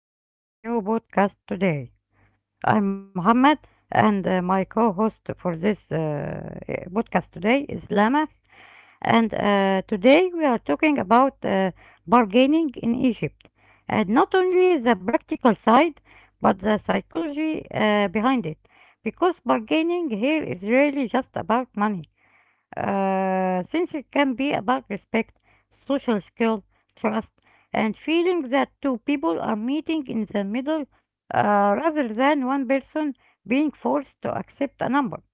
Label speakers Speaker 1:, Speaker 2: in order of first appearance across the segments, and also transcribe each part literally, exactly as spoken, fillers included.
Speaker 1: welcome to our new podcast today. I'm Mohammed, and uh, my co host for this uh, eh, podcast today is Lama. And uh, Today we are talking about uh, bargaining in Egypt, and not only the practical side, but the psychology uh, behind it. Because bargaining here is really just about money uh, since it can be about respect, social skill, trust, and feeling that two people are meeting in the middle uh, rather than one person being forced to accept a number.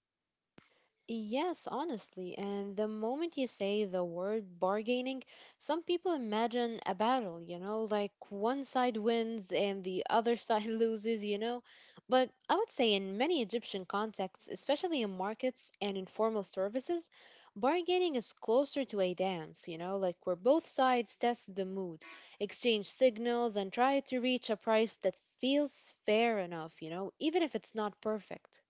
Speaker 2: Yes, honestly. And the moment you say the word bargaining, some people imagine a battle, you know, like one side wins and the other side loses, you know. But I would say in many Egyptian contexts, especially in markets and informal services, bargaining is closer to a dance, you know, like where both sides test the mood, exchange signals, and try to reach a price that feels fair enough, you know, even if it's not perfect.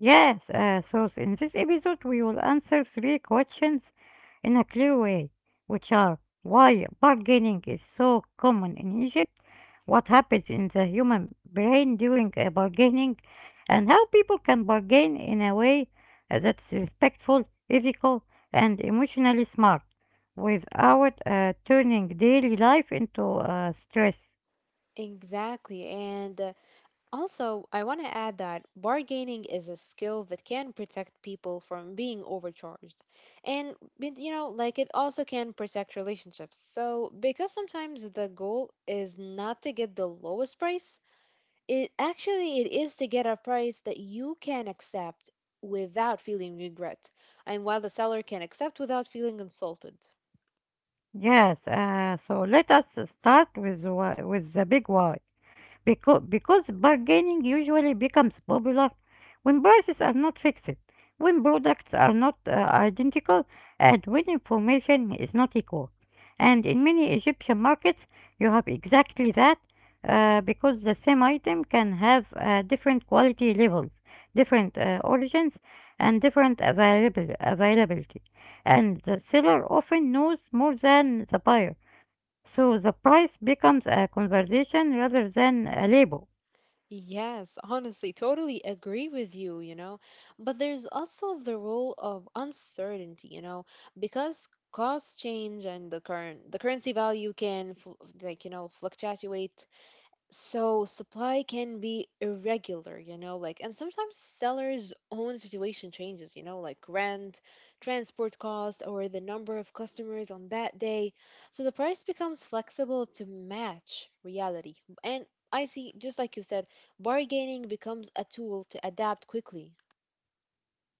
Speaker 1: Yes, uh, so in this episode, we will answer three questions in a clear way, which are why bargaining is so common in Egypt, what happens in the human brain during a bargaining, and how people can bargain in a way uh, that's respectful, ethical, and emotionally smart without uh, turning daily life into uh, stress.
Speaker 2: Exactly. And uh, Also, I want to add that bargaining is a skill that can protect people from being overcharged. And, but, you know, like it also can protect relationships. So, because sometimes the goal is not to get the lowest price, it actually it is to get a price that you can accept without feeling regret, and while the seller can accept without feeling insulted.
Speaker 1: Yes, uh, so let us start with wh- with the big why. Becau- because bargaining usually becomes popular when prices are not fixed, when products are not uh, identical, and when information is not equal. And in many Egyptian markets, you have exactly that uh, because the same item can have uh, different quality levels, different uh, origins, and different available- availability. And the seller often knows more than the buyer, so the price becomes a conversation rather than a label.
Speaker 2: Yes, honestly, totally agree with you, you know. But there's also the role of uncertainty, you know, because costs change, and the current the currency value can fl- like you know fluctuate, so supply can be irregular, you know, like, and sometimes sellers' own situation changes, you know, like rent, transport cost, or the number of customers on that day. So the price becomes flexible to match reality. And I see, just like you said, bargaining becomes a tool to adapt quickly.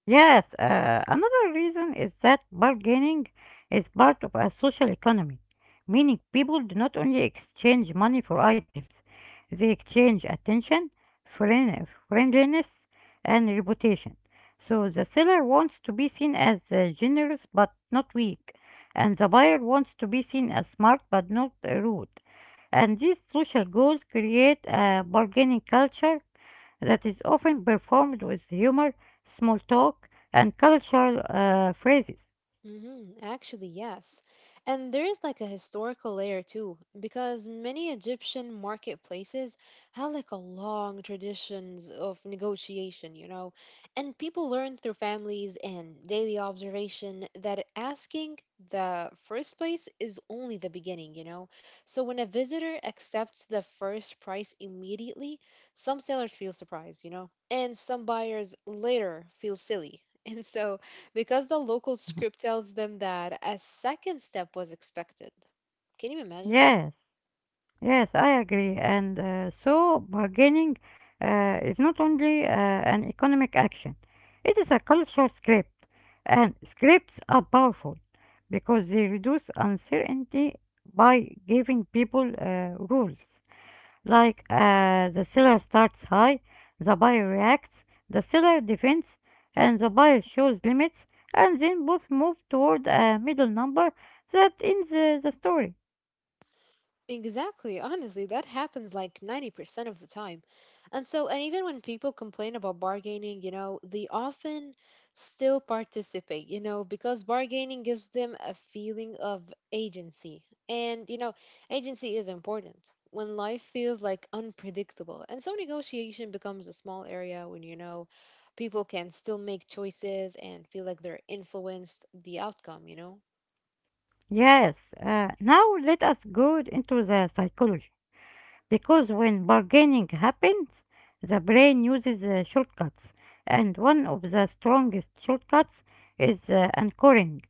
Speaker 1: Yes, uh, another reason is that bargaining is part of a social economy, meaning people do not only exchange money for items, they exchange attention, friend- friendliness, and reputation. So the seller wants to be seen as uh, generous but not weak, and the buyer wants to be seen as smart but not uh, rude. And these social goals create a bargaining culture that is often performed with humor, small talk, and cultural uh, phrases.
Speaker 2: hmm Actually, yes. And there is like a historical layer too, because many Egyptian marketplaces have like a long traditions of negotiation, you know, and people learn through families and daily observation that asking the first price is only the beginning, you know. So when a visitor accepts the first price immediately, some sellers feel surprised, you know, and some buyers later feel silly. And so, because the local
Speaker 1: Mhm.
Speaker 2: script tells them that a second step was expected. Can you imagine?
Speaker 1: Yes, yes, I agree. And uh, so bargaining uh, is not only uh, an economic action, it is a cultural script. And scripts are powerful because they reduce uncertainty by giving people uh, rules. Like, uh, the seller starts high, the buyer reacts, the seller defends, and the buyer shows limits, and then both move toward a middle number that ends uh, the story.
Speaker 2: Exactly. Honestly, that happens like ninety percent of the time. And so, and even when people complain about bargaining, you know, they often still participate, you know, because bargaining gives them a feeling of agency. And, you know, agency is important when life feels like unpredictable. And so, negotiation becomes a small area when, you know, people can still make choices and feel like they're influenced the outcome, you know?
Speaker 1: Yes, uh, now let us go into the psychology. Because when bargaining happens, the brain uses uh, shortcuts, and one of the strongest shortcuts is uh, anchoring,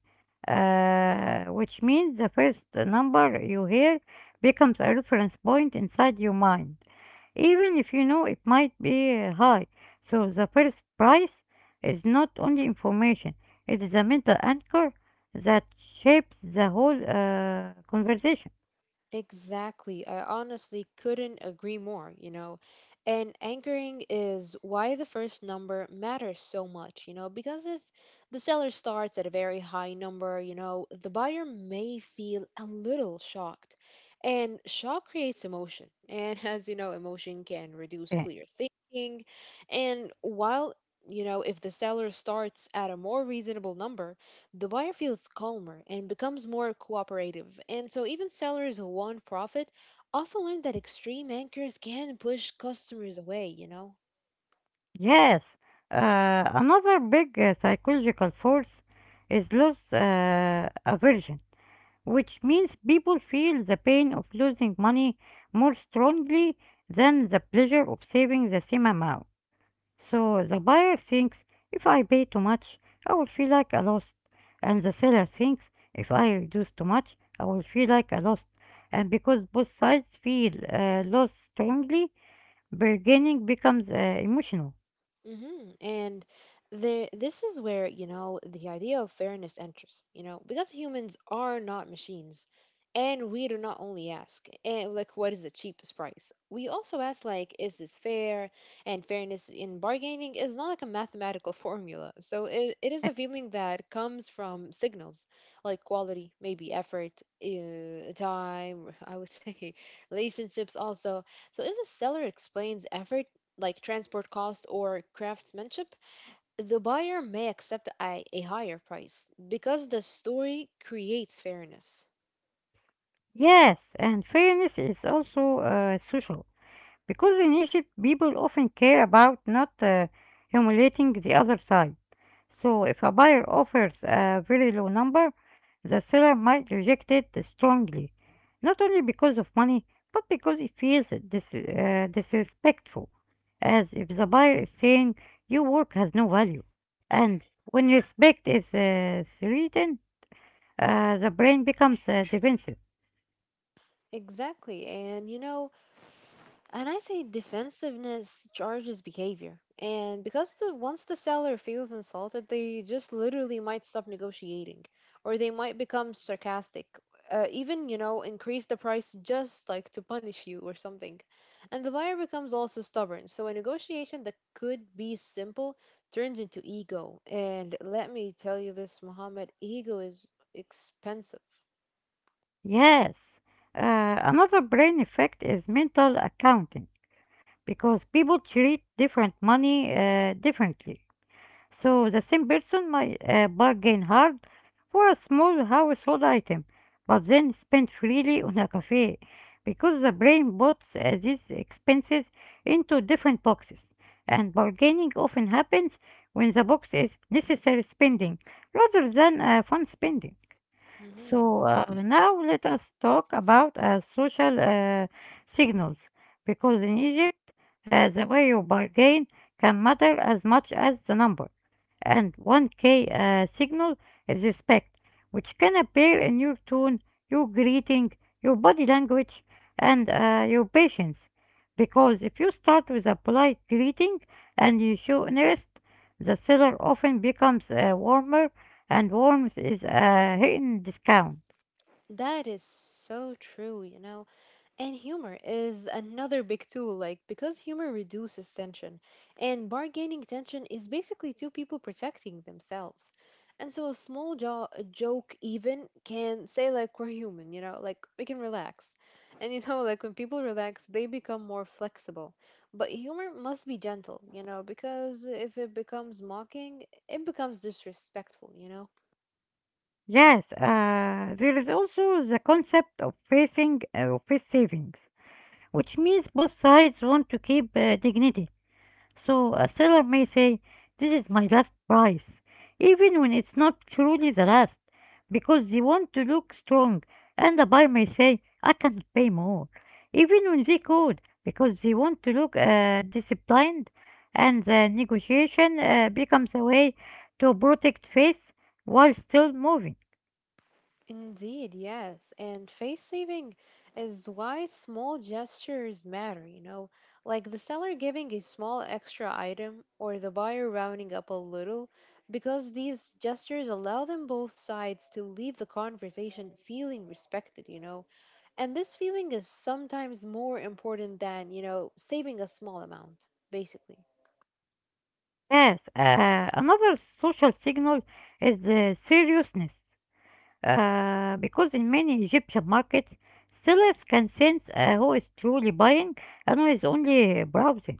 Speaker 1: uh, which means the first number you hear becomes a reference point inside your mind, even if you know it might be uh, high. So the first price is not only information, it is a mental anchor that shapes the whole uh, conversation.
Speaker 2: Exactly. I honestly couldn't agree more, you know. And anchoring is why the first number matters so much, you know, because if the seller starts at a very high number, you know, the buyer may feel a little shocked. And shock creates emotion. And as you know, emotion can reduce
Speaker 1: Yeah.
Speaker 2: clear thinking. And while, you know, if the seller starts at a more reasonable number, the buyer feels calmer and becomes more cooperative. And so, even sellers who want profit often learn that extreme anchors can push customers away, you know?
Speaker 1: Yes, uh, another big uh, psychological force is loss uh, aversion, which means people feel the pain of losing money more strongly than the pleasure of saving the same amount. So the buyer thinks, if I pay too much, I will feel like I lost. And the seller thinks, if I reduce too much, I will feel like I lost. And because both sides feel uh, loss strongly, bargaining becomes uh, emotional.
Speaker 2: Mm-hmm. And there, this is where, you know, the idea of fairness enters, you know, because humans are not machines. And we do not only ask, and like, what is the cheapest price? We also ask, like, is this fair? And fairness in bargaining is not like a mathematical formula. So it, it is a feeling that comes from signals like quality, maybe effort, uh, time, I would say relationships also. So if the seller explains effort, like transport cost or craftsmanship, the buyer may accept a, a higher price because the story creates fairness.
Speaker 1: Yes, and fairness is also uh, social, because in Egypt people often care about not uh, humiliating the other side. So if a buyer offers a very low number, the seller might reject it strongly, not only because of money, but because it feels dis- uh, disrespectful, as if the buyer is saying your work has no value. And when respect is uh, threatened, uh, the brain becomes uh, defensive.
Speaker 2: Exactly. And you know, and I say defensiveness charges behavior. And because the, once the seller feels insulted, they just literally might stop negotiating, or they might become sarcastic. Uh, even, you know, increase the price just like to punish you or something. And the buyer becomes also stubborn. So a negotiation that could be simple turns into ego. And let me tell you this, Muhammad, ego is expensive.
Speaker 1: Yes, uh, another brain effect is mental accounting, because people treat different money uh, differently. So the same person might uh, bargain hard for a small household item, but then spend freely on a cafe because the brain puts uh, these expenses into different boxes. And bargaining often happens when the box is necessary spending rather than uh, fun spending. So uh, now let us talk about uh, social uh, signals, because in Egypt, uh, the way you bargain can matter as much as the number, and one key uh, signal is respect, which can appear in your tone, your greeting, your body language, and uh, your patience. Because if you start with a polite greeting and you show interest, the seller often becomes uh, warmer, and warmth is a hidden discount.
Speaker 2: That is so true, you know. And humor is another big tool, like, because humor reduces tension. And bargaining tension is basically two people protecting themselves. And so a small jo- a joke, even, can say, like, we're human, you know, like, we can relax. And, you know, like, when people relax, they become more flexible. But humor must be gentle, you know, because if it becomes mocking, it becomes disrespectful, you know?
Speaker 1: Yes, uh, there is also the concept of facing uh, face savings, which means both sides want to keep uh, dignity. So a seller may say, "This is my last price," even when it's not truly the last, because they want to look strong, and the buyer may say, "I can't pay more," even when they could, because they want to look uh, disciplined, and the negotiation uh, becomes a way to protect face while still moving.
Speaker 2: Indeed, yes. And face saving is why small gestures matter, you know, like the seller giving a small extra item or the buyer rounding up a little, because these gestures allow them both sides to leave the conversation feeling respected, you know. And this feeling is sometimes more important than, you know, saving a small amount, basically.
Speaker 1: Yes, uh, another social signal is uh, seriousness. Uh, because in many Egyptian markets, sellers can sense uh, who is truly buying and who is only browsing.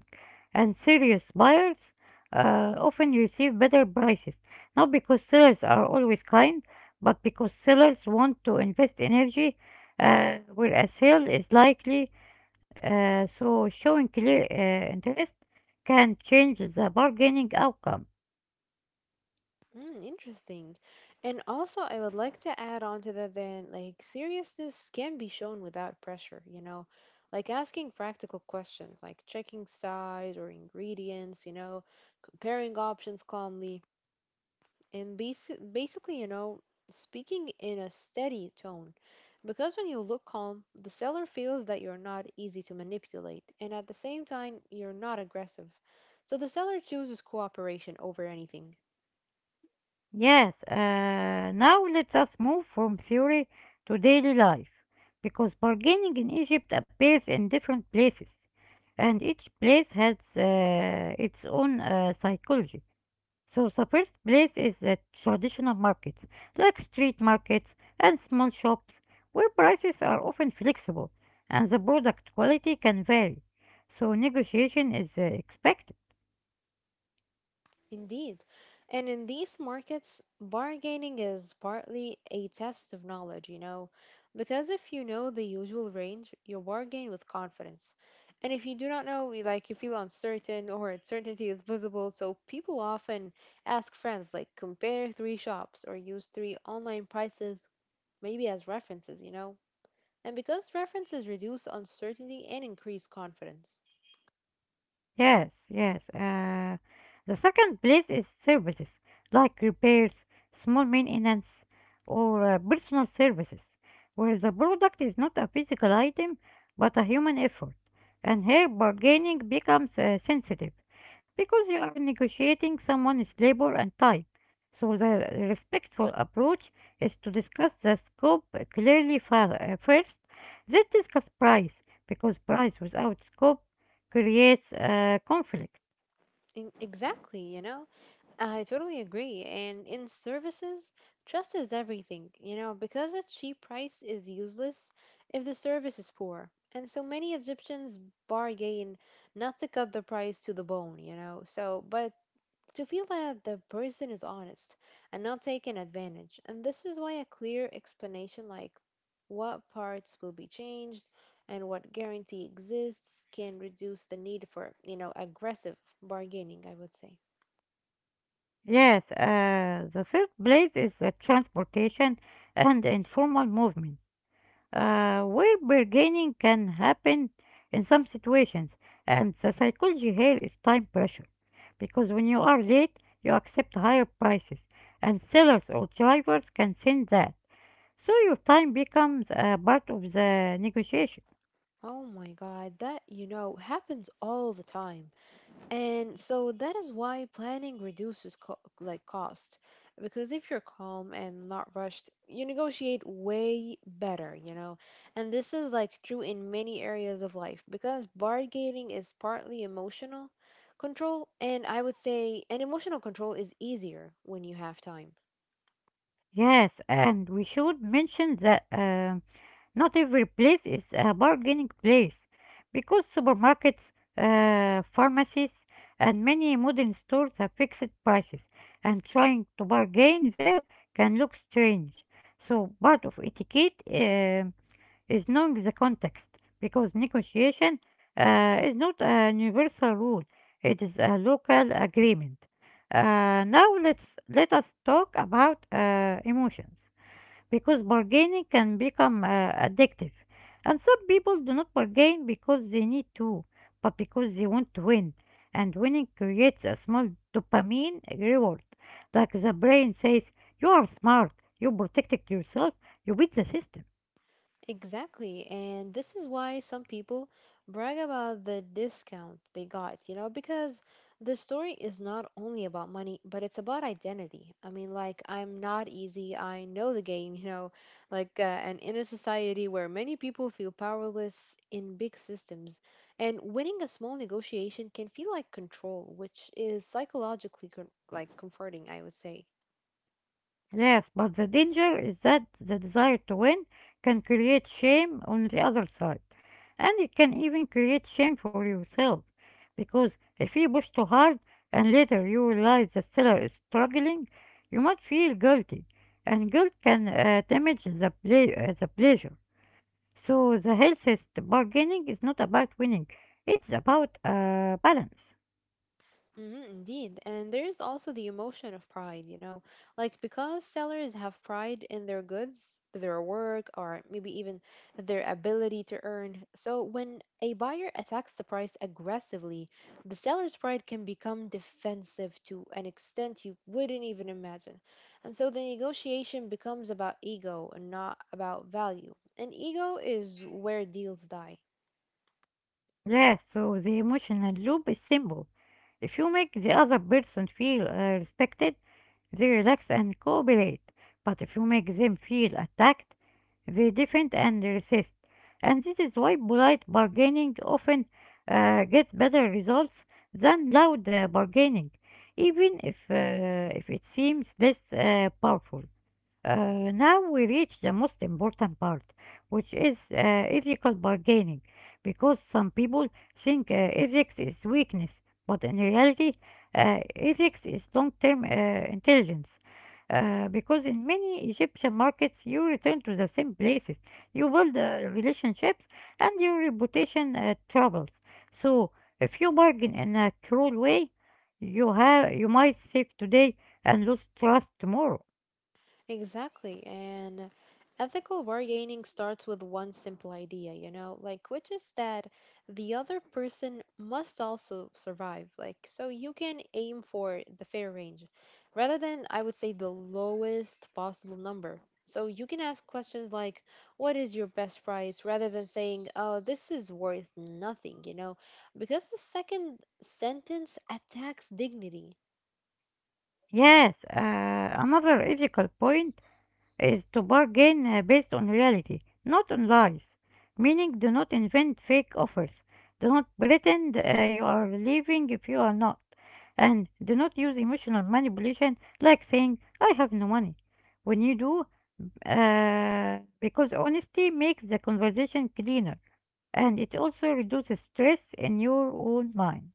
Speaker 1: And serious buyers uh, often receive better prices, not because sellers are always kind, but because sellers want to invest energy uh, where a sale is likely, uh, so showing clear uh, interest can change the bargaining outcome.
Speaker 2: Mm, interesting. And also, I would like to add on to that then, like, seriousness can be shown without pressure, you know, like asking practical questions, like checking size or ingredients, you know, comparing options calmly, and basi- basically, you know, speaking in a steady tone. Because when you look calm, the seller feels that you're not easy to manipulate, and at the same time, you're not aggressive. So the seller chooses cooperation over anything.
Speaker 1: Yes, uh, now let us move from theory to daily life, because bargaining in Egypt appears in different places, and each place has uh, its own uh, psychology. So the first place is the traditional markets, like street markets and small shops, where prices are often flexible and the product quality can vary. So negotiation is uh, expected.
Speaker 2: Indeed. And in these markets, bargaining is partly a test of knowledge, you know, because if you know the usual range, you bargain with confidence. And if you do not know, you- like you feel uncertain, or uncertainty is visible, so people often ask friends, like compare three shops or use three online prices, maybe as references, you know. And because references reduce uncertainty and increase confidence.
Speaker 1: Yes, yes. Uh, the second place is services like repairs, small maintenance, or uh, personal services, where the product is not a physical item but a human effort. And here bargaining becomes uh, sensitive, because you are negotiating someone's labor and time. So the respectful approach is to discuss the scope clearly fir- uh, first, then discuss price, because price without scope creates uh, conflict.
Speaker 2: In- exactly, you know. I totally agree. And in services, trust is everything, you know, because a cheap price is useless if the service is poor. And so many Egyptians bargain not to cut the price to the bone, you know, so, but to feel that the person is honest and not taken advantage. And this is why a clear explanation, like what parts will be changed and what guarantee exists, can reduce the need for, you know, aggressive bargaining, I would say.
Speaker 1: Yes, uh, the third place is the transportation and informal movement, uh, where bargaining can happen in some situations. And the psychology here is time pressure, because when you are late, you accept higher prices, and sellers or drivers can send that. So your time becomes a part of the negotiation.
Speaker 2: Oh my God, that, you know, happens all the time. And so that is why planning reduces co like cost. Because if you're calm and not rushed, you negotiate way better, you know. And this is like true in many areas of life, because bargaining is partly emotional control, and I would say an emotional control is easier when you have time.
Speaker 1: Yes, and we should mention that. um Not every place is a bargaining place, because supermarkets, uh, pharmacies, and many modern stores have fixed prices, and trying to bargain there can look strange. So part of etiquette um, is knowing the context, because negotiation uh, is not a universal rule, it is a local agreement. Uh, now let's let us talk about uh, emotions, because bargaining can become uh, addictive. And some people do not bargain because they need to, but because they want to win. And winning creates a small dopamine reward. Like the brain says, "You are smart, you protected yourself, you beat the system."
Speaker 2: Exactly, and this is why some people brag about the discount they got, you know, because the story is not only about money, but it's about identity. I mean, like, I'm not easy, I know the game, you know, like, uh, and in a society where many people feel powerless in big systems, and winning a small negotiation can feel like control, which is psychologically, con- like, comforting, I would say.
Speaker 1: Yes, but the danger is that the desire to win can create shame on the other side, and it can even create shame for yourself. Because if you push too hard and later you realize the seller is struggling, you might feel guilty, and guilt can uh, damage the, play, uh, the pleasure. So the healthiest bargaining is not about winning, it's about uh, balance.
Speaker 2: Mhm, indeed. And there's also the emotion of pride, you know, like, because sellers have pride in their goods, their work, or maybe even their ability to earn. So when a buyer attacks the price aggressively, the seller's pride can become defensive to an extent you wouldn't even imagine. And so the negotiation becomes about ego and not about value. And ego is where deals die.
Speaker 1: Yes, so the emotional loop is simple. If you make the other person feel uh, respected, they relax and cooperate. But if you make them feel attacked, they defend and resist. And this is why polite bargaining often uh, gets better results than loud uh, bargaining, even if, uh, if it seems less uh, powerful. Uh, now we reach the most important part, which is uh, ethical bargaining, because some people think uh, ethics is weakness, but in reality, uh, ethics is long term uh, intelligence. Uh, because in many Egyptian markets, you return to the same places, you build uh, relationships, and your reputation uh, travels. So, if you bargain in a cruel way, you have you might save today and lose trust tomorrow.
Speaker 2: Exactly. And ethical bargaining starts with one simple idea, you know, like, which is that the other person must also survive. Like, so you can aim for the fair range rather than, I would say, the lowest possible number. So you can ask questions like, "What is your best price?" rather than saying, "Oh, this is worth nothing, you know, because the second sentence attacks dignity.
Speaker 1: Yes, uh, another ethical point is to bargain uh, based on reality, not on lies. Meaning, do not invent fake offers. Do not pretend uh, you are leaving if you are not. And do not use emotional manipulation like saying, "I have no money," when you do, uh, because honesty makes the conversation cleaner, and it also reduces stress in your own mind.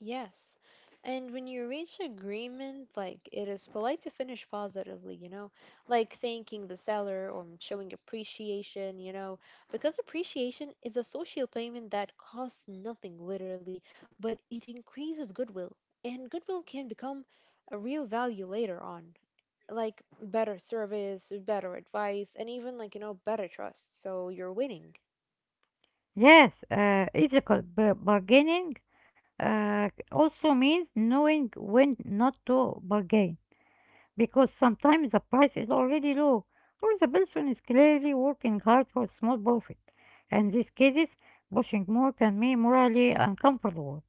Speaker 2: Yes. And when you reach agreement, like, it is polite to finish positively, you know, like thanking the seller or showing appreciation, you know, because appreciation is a social payment that costs nothing literally, but it increases goodwill. And goodwill can become a real value later on, like better service, better advice, and even like, you know, better trust. So you're winning.
Speaker 1: Yes, uh, ethical bar- bargaining uh, also means knowing when not to bargain, because sometimes the price is already low or the person is clearly working hard for a small profit. And in these cases, pushing more can be morally uncomfortable.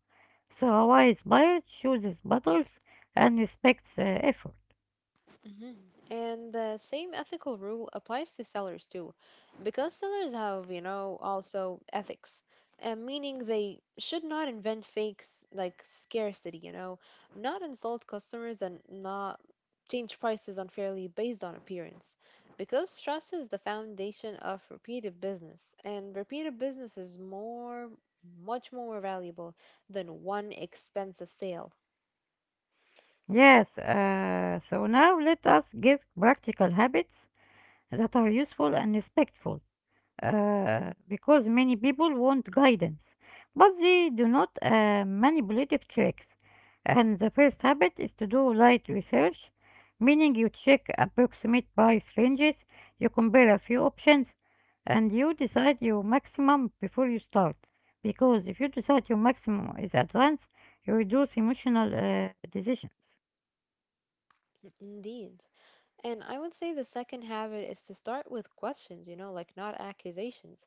Speaker 1: So a wise buyer chooses battles and respects uh, effort.
Speaker 2: Mhm. And the same ethical rule applies to sellers too, because sellers have, you know, also, ethics, uh, meaning they should not invent fakes like scarcity, you know, not insult customers, and not change prices unfairly based on appearance, because trust is the foundation of repeated business, and repeated business is more, much more valuable than one expensive sale.
Speaker 1: Yes, uh, so now let us give practical habits that are useful and respectful, uh, because many people want guidance, but they do not uh, manipulative tricks. And the first habit is to do light research, meaning you check approximate price ranges, you compare a few options, and you decide your maximum before you start. Because if you decide your maximum is advanced, you reduce emotional uh, decisions.
Speaker 2: Indeed. And I would say the second habit is to start with questions, you know, like, not accusations.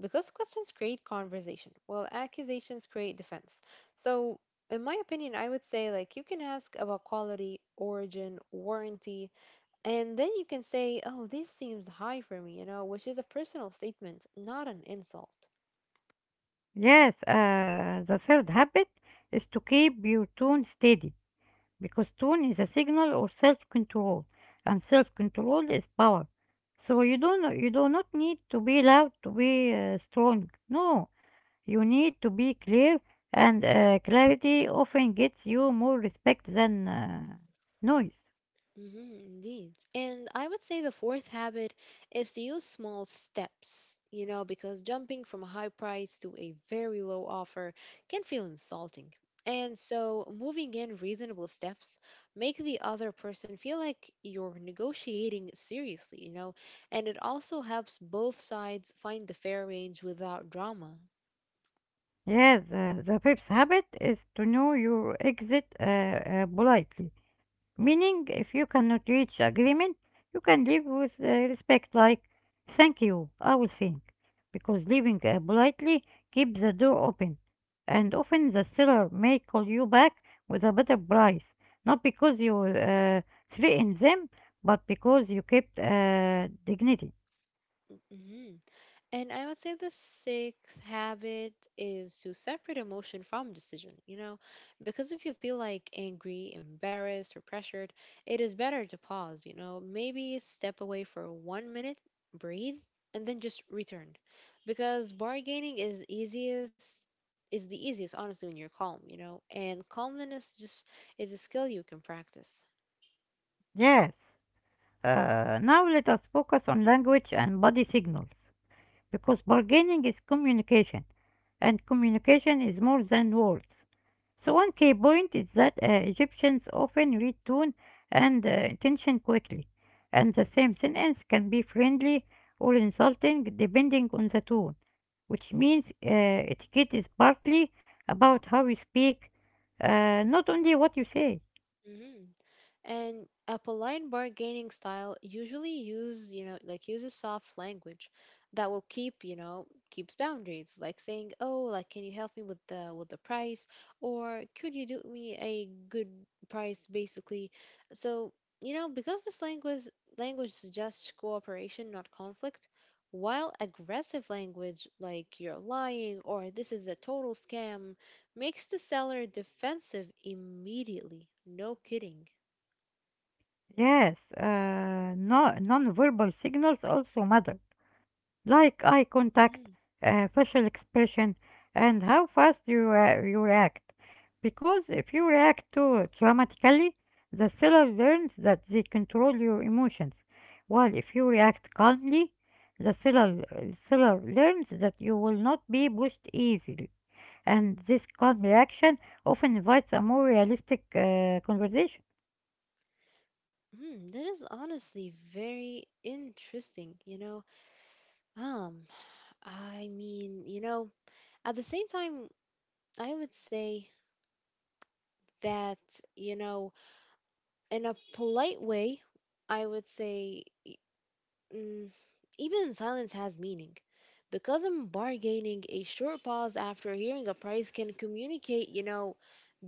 Speaker 2: Because questions create conversation, while accusations create defense. So, in my opinion, I would say, like, you can ask about quality, origin, warranty, and then you can say, "Oh, this seems high for me, you know, which is a personal statement, not an insult.
Speaker 1: Yes, uh, the third habit is to keep your tone steady because tone is a signal or self-control, and self-control is power. So you don't you do not need to be loud to be uh, strong. No, you need to be clear, and uh, clarity often gets you more respect than uh, noise.
Speaker 2: Mhm, indeed. And I would say the fourth habit is to use small steps, you know, because jumping from a high price to a very low offer can feel insulting. And so moving in reasonable steps make the other person feel like you're negotiating seriously, you know, and it also helps both sides find the fair range without drama.
Speaker 1: Yes, uh, the fifth habit is to know your exit uh, uh, politely. Meaning, if you cannot reach agreement, you can leave with uh, respect, like, thank you, I will think. Because leaving uh, politely keeps the door open. And often the seller may call you back with a better price, not because you uh, threatened them, but because you kept uh, dignity.
Speaker 2: Mhm. And I would say the sixth habit is to separate emotion from decision, you know, because if you feel like angry, embarrassed, or pressured, it is better to pause, you know, maybe step away for one minute, breathe, and then just return. Because bargaining is easiest is the easiest honestly when you're calm, you know, and calmness just is a skill you can practice.
Speaker 1: Yes. Uh, now let us focus on language and body signals. Because bargaining is communication, and communication is more than words. So, one key point is that uh, Egyptians often read tone and uh, intention quickly, and the same sentence can be friendly or insulting depending on the tone, which means uh, etiquette is partly about how you speak, uh, not only what you say.
Speaker 2: Mhm. And a polite bargaining style usually use you know like uses soft language that will keep you know keeps boundaries, like saying, oh, like, can you help me with the with the price, or could you do me a good price basically? So, you know because this language language suggests cooperation, not conflict, while aggressive language like, you're lying, or, this is a total scam, makes the seller defensive immediately. No kidding.
Speaker 1: Yes, uh, no, non-verbal signals also matter like eye contact,
Speaker 2: Mhm.
Speaker 1: uh, facial expression, and how fast you, uh, you react. Because if you react too dramatically, the seller learns that they control your emotions, while if you react calmly, the seller, seller learns that you will not be pushed easily. And this calm reaction often invites a more realistic uh, conversation.
Speaker 2: Mm, that is honestly very interesting, you know. Um, I mean, you know, at the same time, I would say that, you know, in a polite way, I would say e- mm, even silence has meaning. Because in bargaining, a short pause after hearing a price can communicate, you know,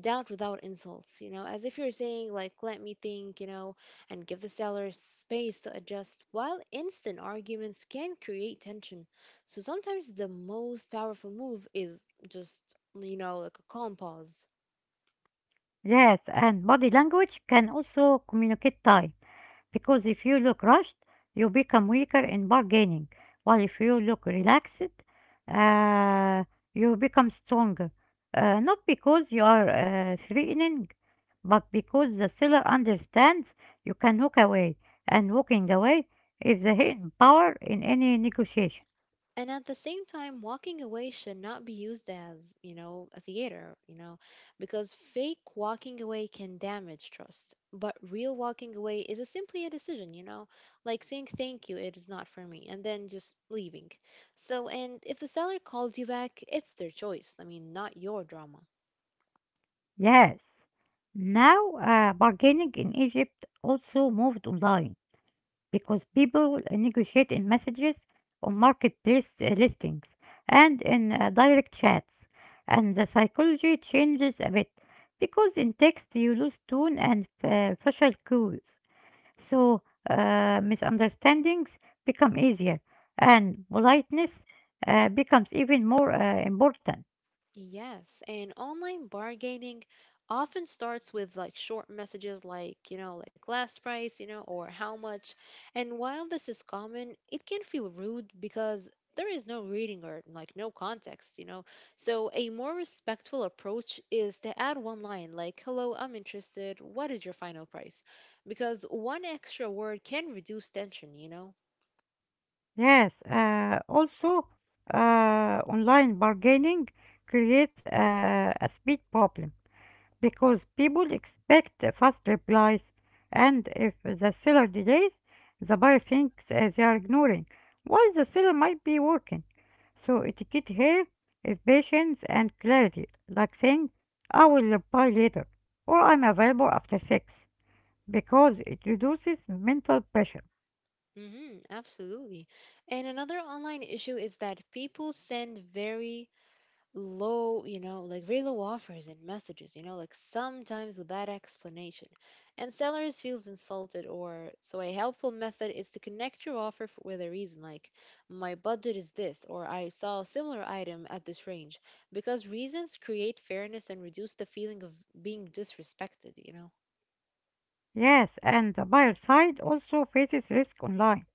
Speaker 2: doubt without insults, you know, as if you're saying, like, let me think, you know, and give the seller space to adjust, while instant arguments can create tension. So sometimes the most powerful move is just, you know, like a calm pause.
Speaker 1: Yes, and body language can also communicate time, because if you look rushed, you become weaker in bargaining, while if you look relaxed, uh, you become stronger. Uh, not because you are uh, threatening, but because the seller understands you can walk away, and walking away is the hidden power in any negotiation.
Speaker 2: And at the same time, walking away should not be used as, you know, a theater, you know, because fake walking away can damage trust. But real walking away is a simply a decision, you know, like saying, thank you, it is not for me, and then just leaving. So, and if the seller calls you back, it's their choice. I mean, not your drama.
Speaker 1: Yes. Now, uh, bargaining in Egypt also moved online, because people negotiate in messages on marketplace uh, listings and in uh, direct chats. And the psychology changes a bit because in text you lose tone and uh, facial cues. So uh, misunderstandings become easier and politeness uh, becomes even more uh, important.
Speaker 2: Yes, and online bargaining often starts with like short messages like, you know, like last price, you know, or how much. And while this is common, it can feel rude because there is no reading or like no context, you know. So a more respectful approach is to add one line like, "Hello, I'm interested. What is your final price?" Because one extra word can reduce tension, you know.
Speaker 1: Yes, uh, also uh, online bargaining creates uh, a speed problem because people expect fast replies, and if the seller delays, the buyer thinks uh, they are ignoring, while the seller might be working. So, etiquette here is patience and clarity, like saying, I will reply later, or I'm available after six, because it reduces mental pressure.
Speaker 2: Mhm, absolutely. And another online issue is that people send very low, you know, like very low offers and messages, you know, like sometimes without explanation. And sellers feels insulted, or so a helpful method is to connect your offer f- with a reason, like, my budget is this, or, I saw a similar item at this range, because reasons create fairness and reduce the feeling of being disrespected, you know.
Speaker 1: Yes, and the buyer side also faces risk online,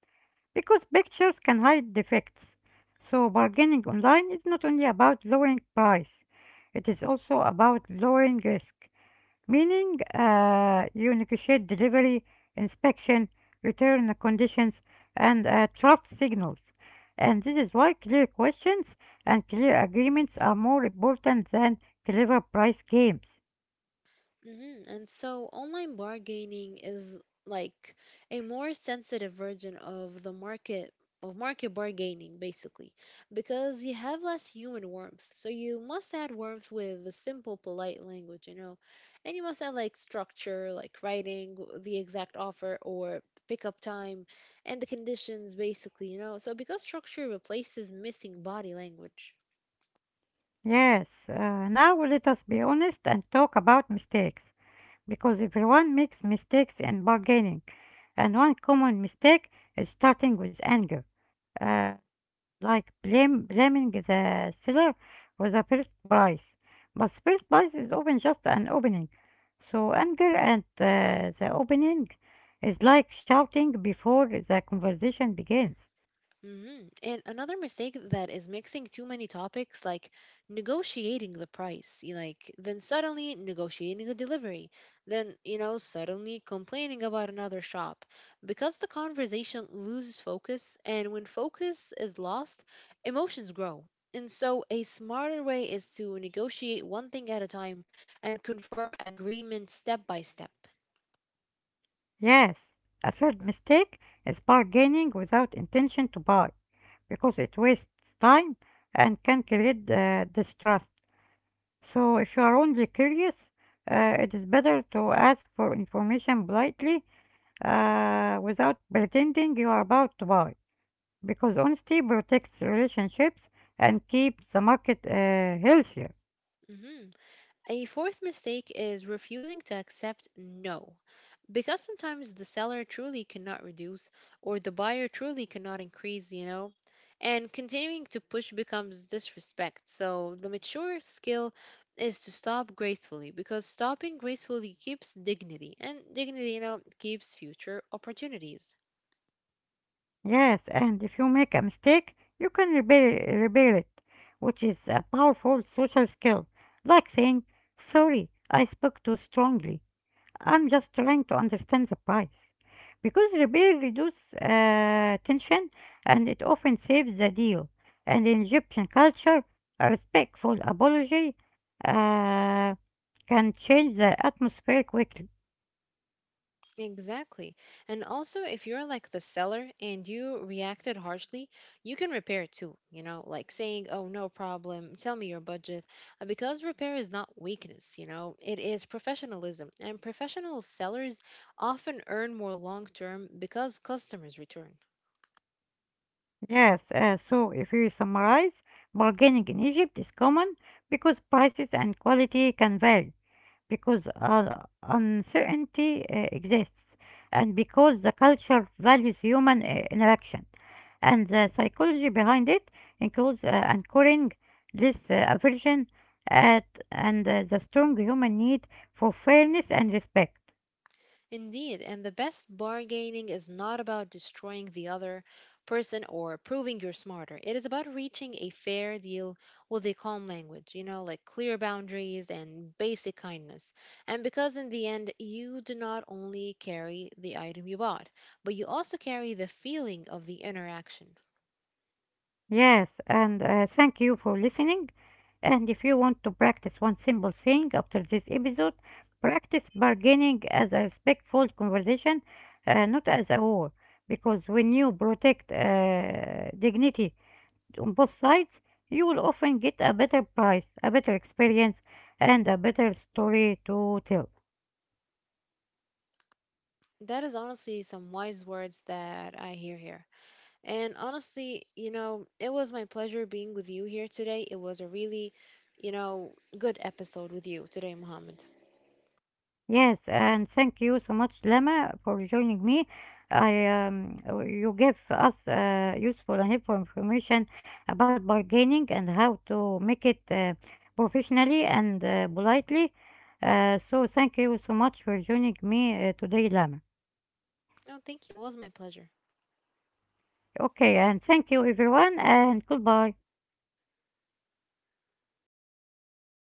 Speaker 1: because pictures can hide defects. So bargaining online is not only about lowering price, it is also about lowering risk, meaning uh, you negotiate delivery, inspection, return conditions, and uh, draft signals. And this is why clear questions and clear agreements are more important than clever price games.
Speaker 2: hmm And so online bargaining is like a more sensitive version of the market of market bargaining, basically, because you have less human warmth, so you must add warmth with the simple polite language you know and you must add like structure, like writing w- the exact offer or pickup time and the conditions, basically you know so because structure replaces missing body language.
Speaker 1: Yes, uh, now let us be honest and talk about mistakes, because everyone makes mistakes in bargaining, and one common mistake is starting with anger, uh, like blame, blaming the seller for the first price. But first price is often just an opening, so anger and uh, the opening is like shouting before the conversation begins.
Speaker 2: Mhm. And another mistake that is mixing too many topics, like negotiating the price, you like then suddenly negotiating the delivery, then, you know, suddenly complaining about another shop, because the conversation loses focus, and when focus is lost, emotions grow. And so, a smarter way is to negotiate one thing at a time and confirm agreement step by step.
Speaker 1: Yes, a third mistake is bargaining without intention to buy, because it wastes time and can create uh, distrust. So if you are only curious, uh, it is better to ask for information politely uh, without pretending you are about to buy, because honesty protects relationships and keeps the market uh, healthier.
Speaker 2: Mhm. A fourth mistake is refusing to accept no, because sometimes the seller truly cannot reduce or the buyer truly cannot increase, you know, and continuing to push becomes disrespect. So the mature skill is to stop gracefully, because stopping gracefully keeps dignity, and dignity, you know, keeps future opportunities.
Speaker 1: Yes, and if you make a mistake, you can repair, repair it, which is a powerful social skill, like saying, sorry, I spoke too strongly. I'm just trying to understand the price. Because repair reduces uh, tension and it often saves the deal. And in Egyptian culture, a respectful apology uh, can change the atmosphere quickly.
Speaker 2: Exactly. And also, if you're like the seller and you reacted harshly, you can repair too, you know, like saying, oh, no problem, tell me your budget. Uh, Because repair is not weakness, you know, it is professionalism. And professional sellers often earn more long term because customers return.
Speaker 1: Yes, uh, so if we summarize, bargaining in Egypt is common because prices and quality can vary, because uh, uncertainty uh, exists and because the culture values human uh, interaction. And the psychology behind it includes uh, anchoring this uh, aversion at and uh, the strong human need for fairness and respect.
Speaker 2: Indeed, and the best bargaining is not about destroying the other person or proving you're smarter. It is about reaching a fair deal with a calm language, you know, like clear boundaries and basic kindness. And because in the end, you do not only carry the item you bought, but you also carry the feeling of the interaction.
Speaker 1: Yes, and uh, thank you for listening. And if you want to practice one simple thing after this episode, practice bargaining as a respectful conversation, uh, not as a war. Because when you protect uh, dignity on both sides, you will often get a better price, a better experience, and a better story to tell.
Speaker 2: That is honestly some wise words that I hear here. And honestly, you know, it was my pleasure being with you here today. It was a really, you know, good episode with you today, Mohammed.
Speaker 1: Yes, and thank you so much, Lama, for joining me. I um, You gave us uh, useful and helpful information about bargaining and how to make it uh, professionally and uh, politely. Uh, so thank you so much for joining me uh, today, Lama.
Speaker 2: No, thank you. It was my pleasure.
Speaker 1: Okay, and thank you everyone, and goodbye.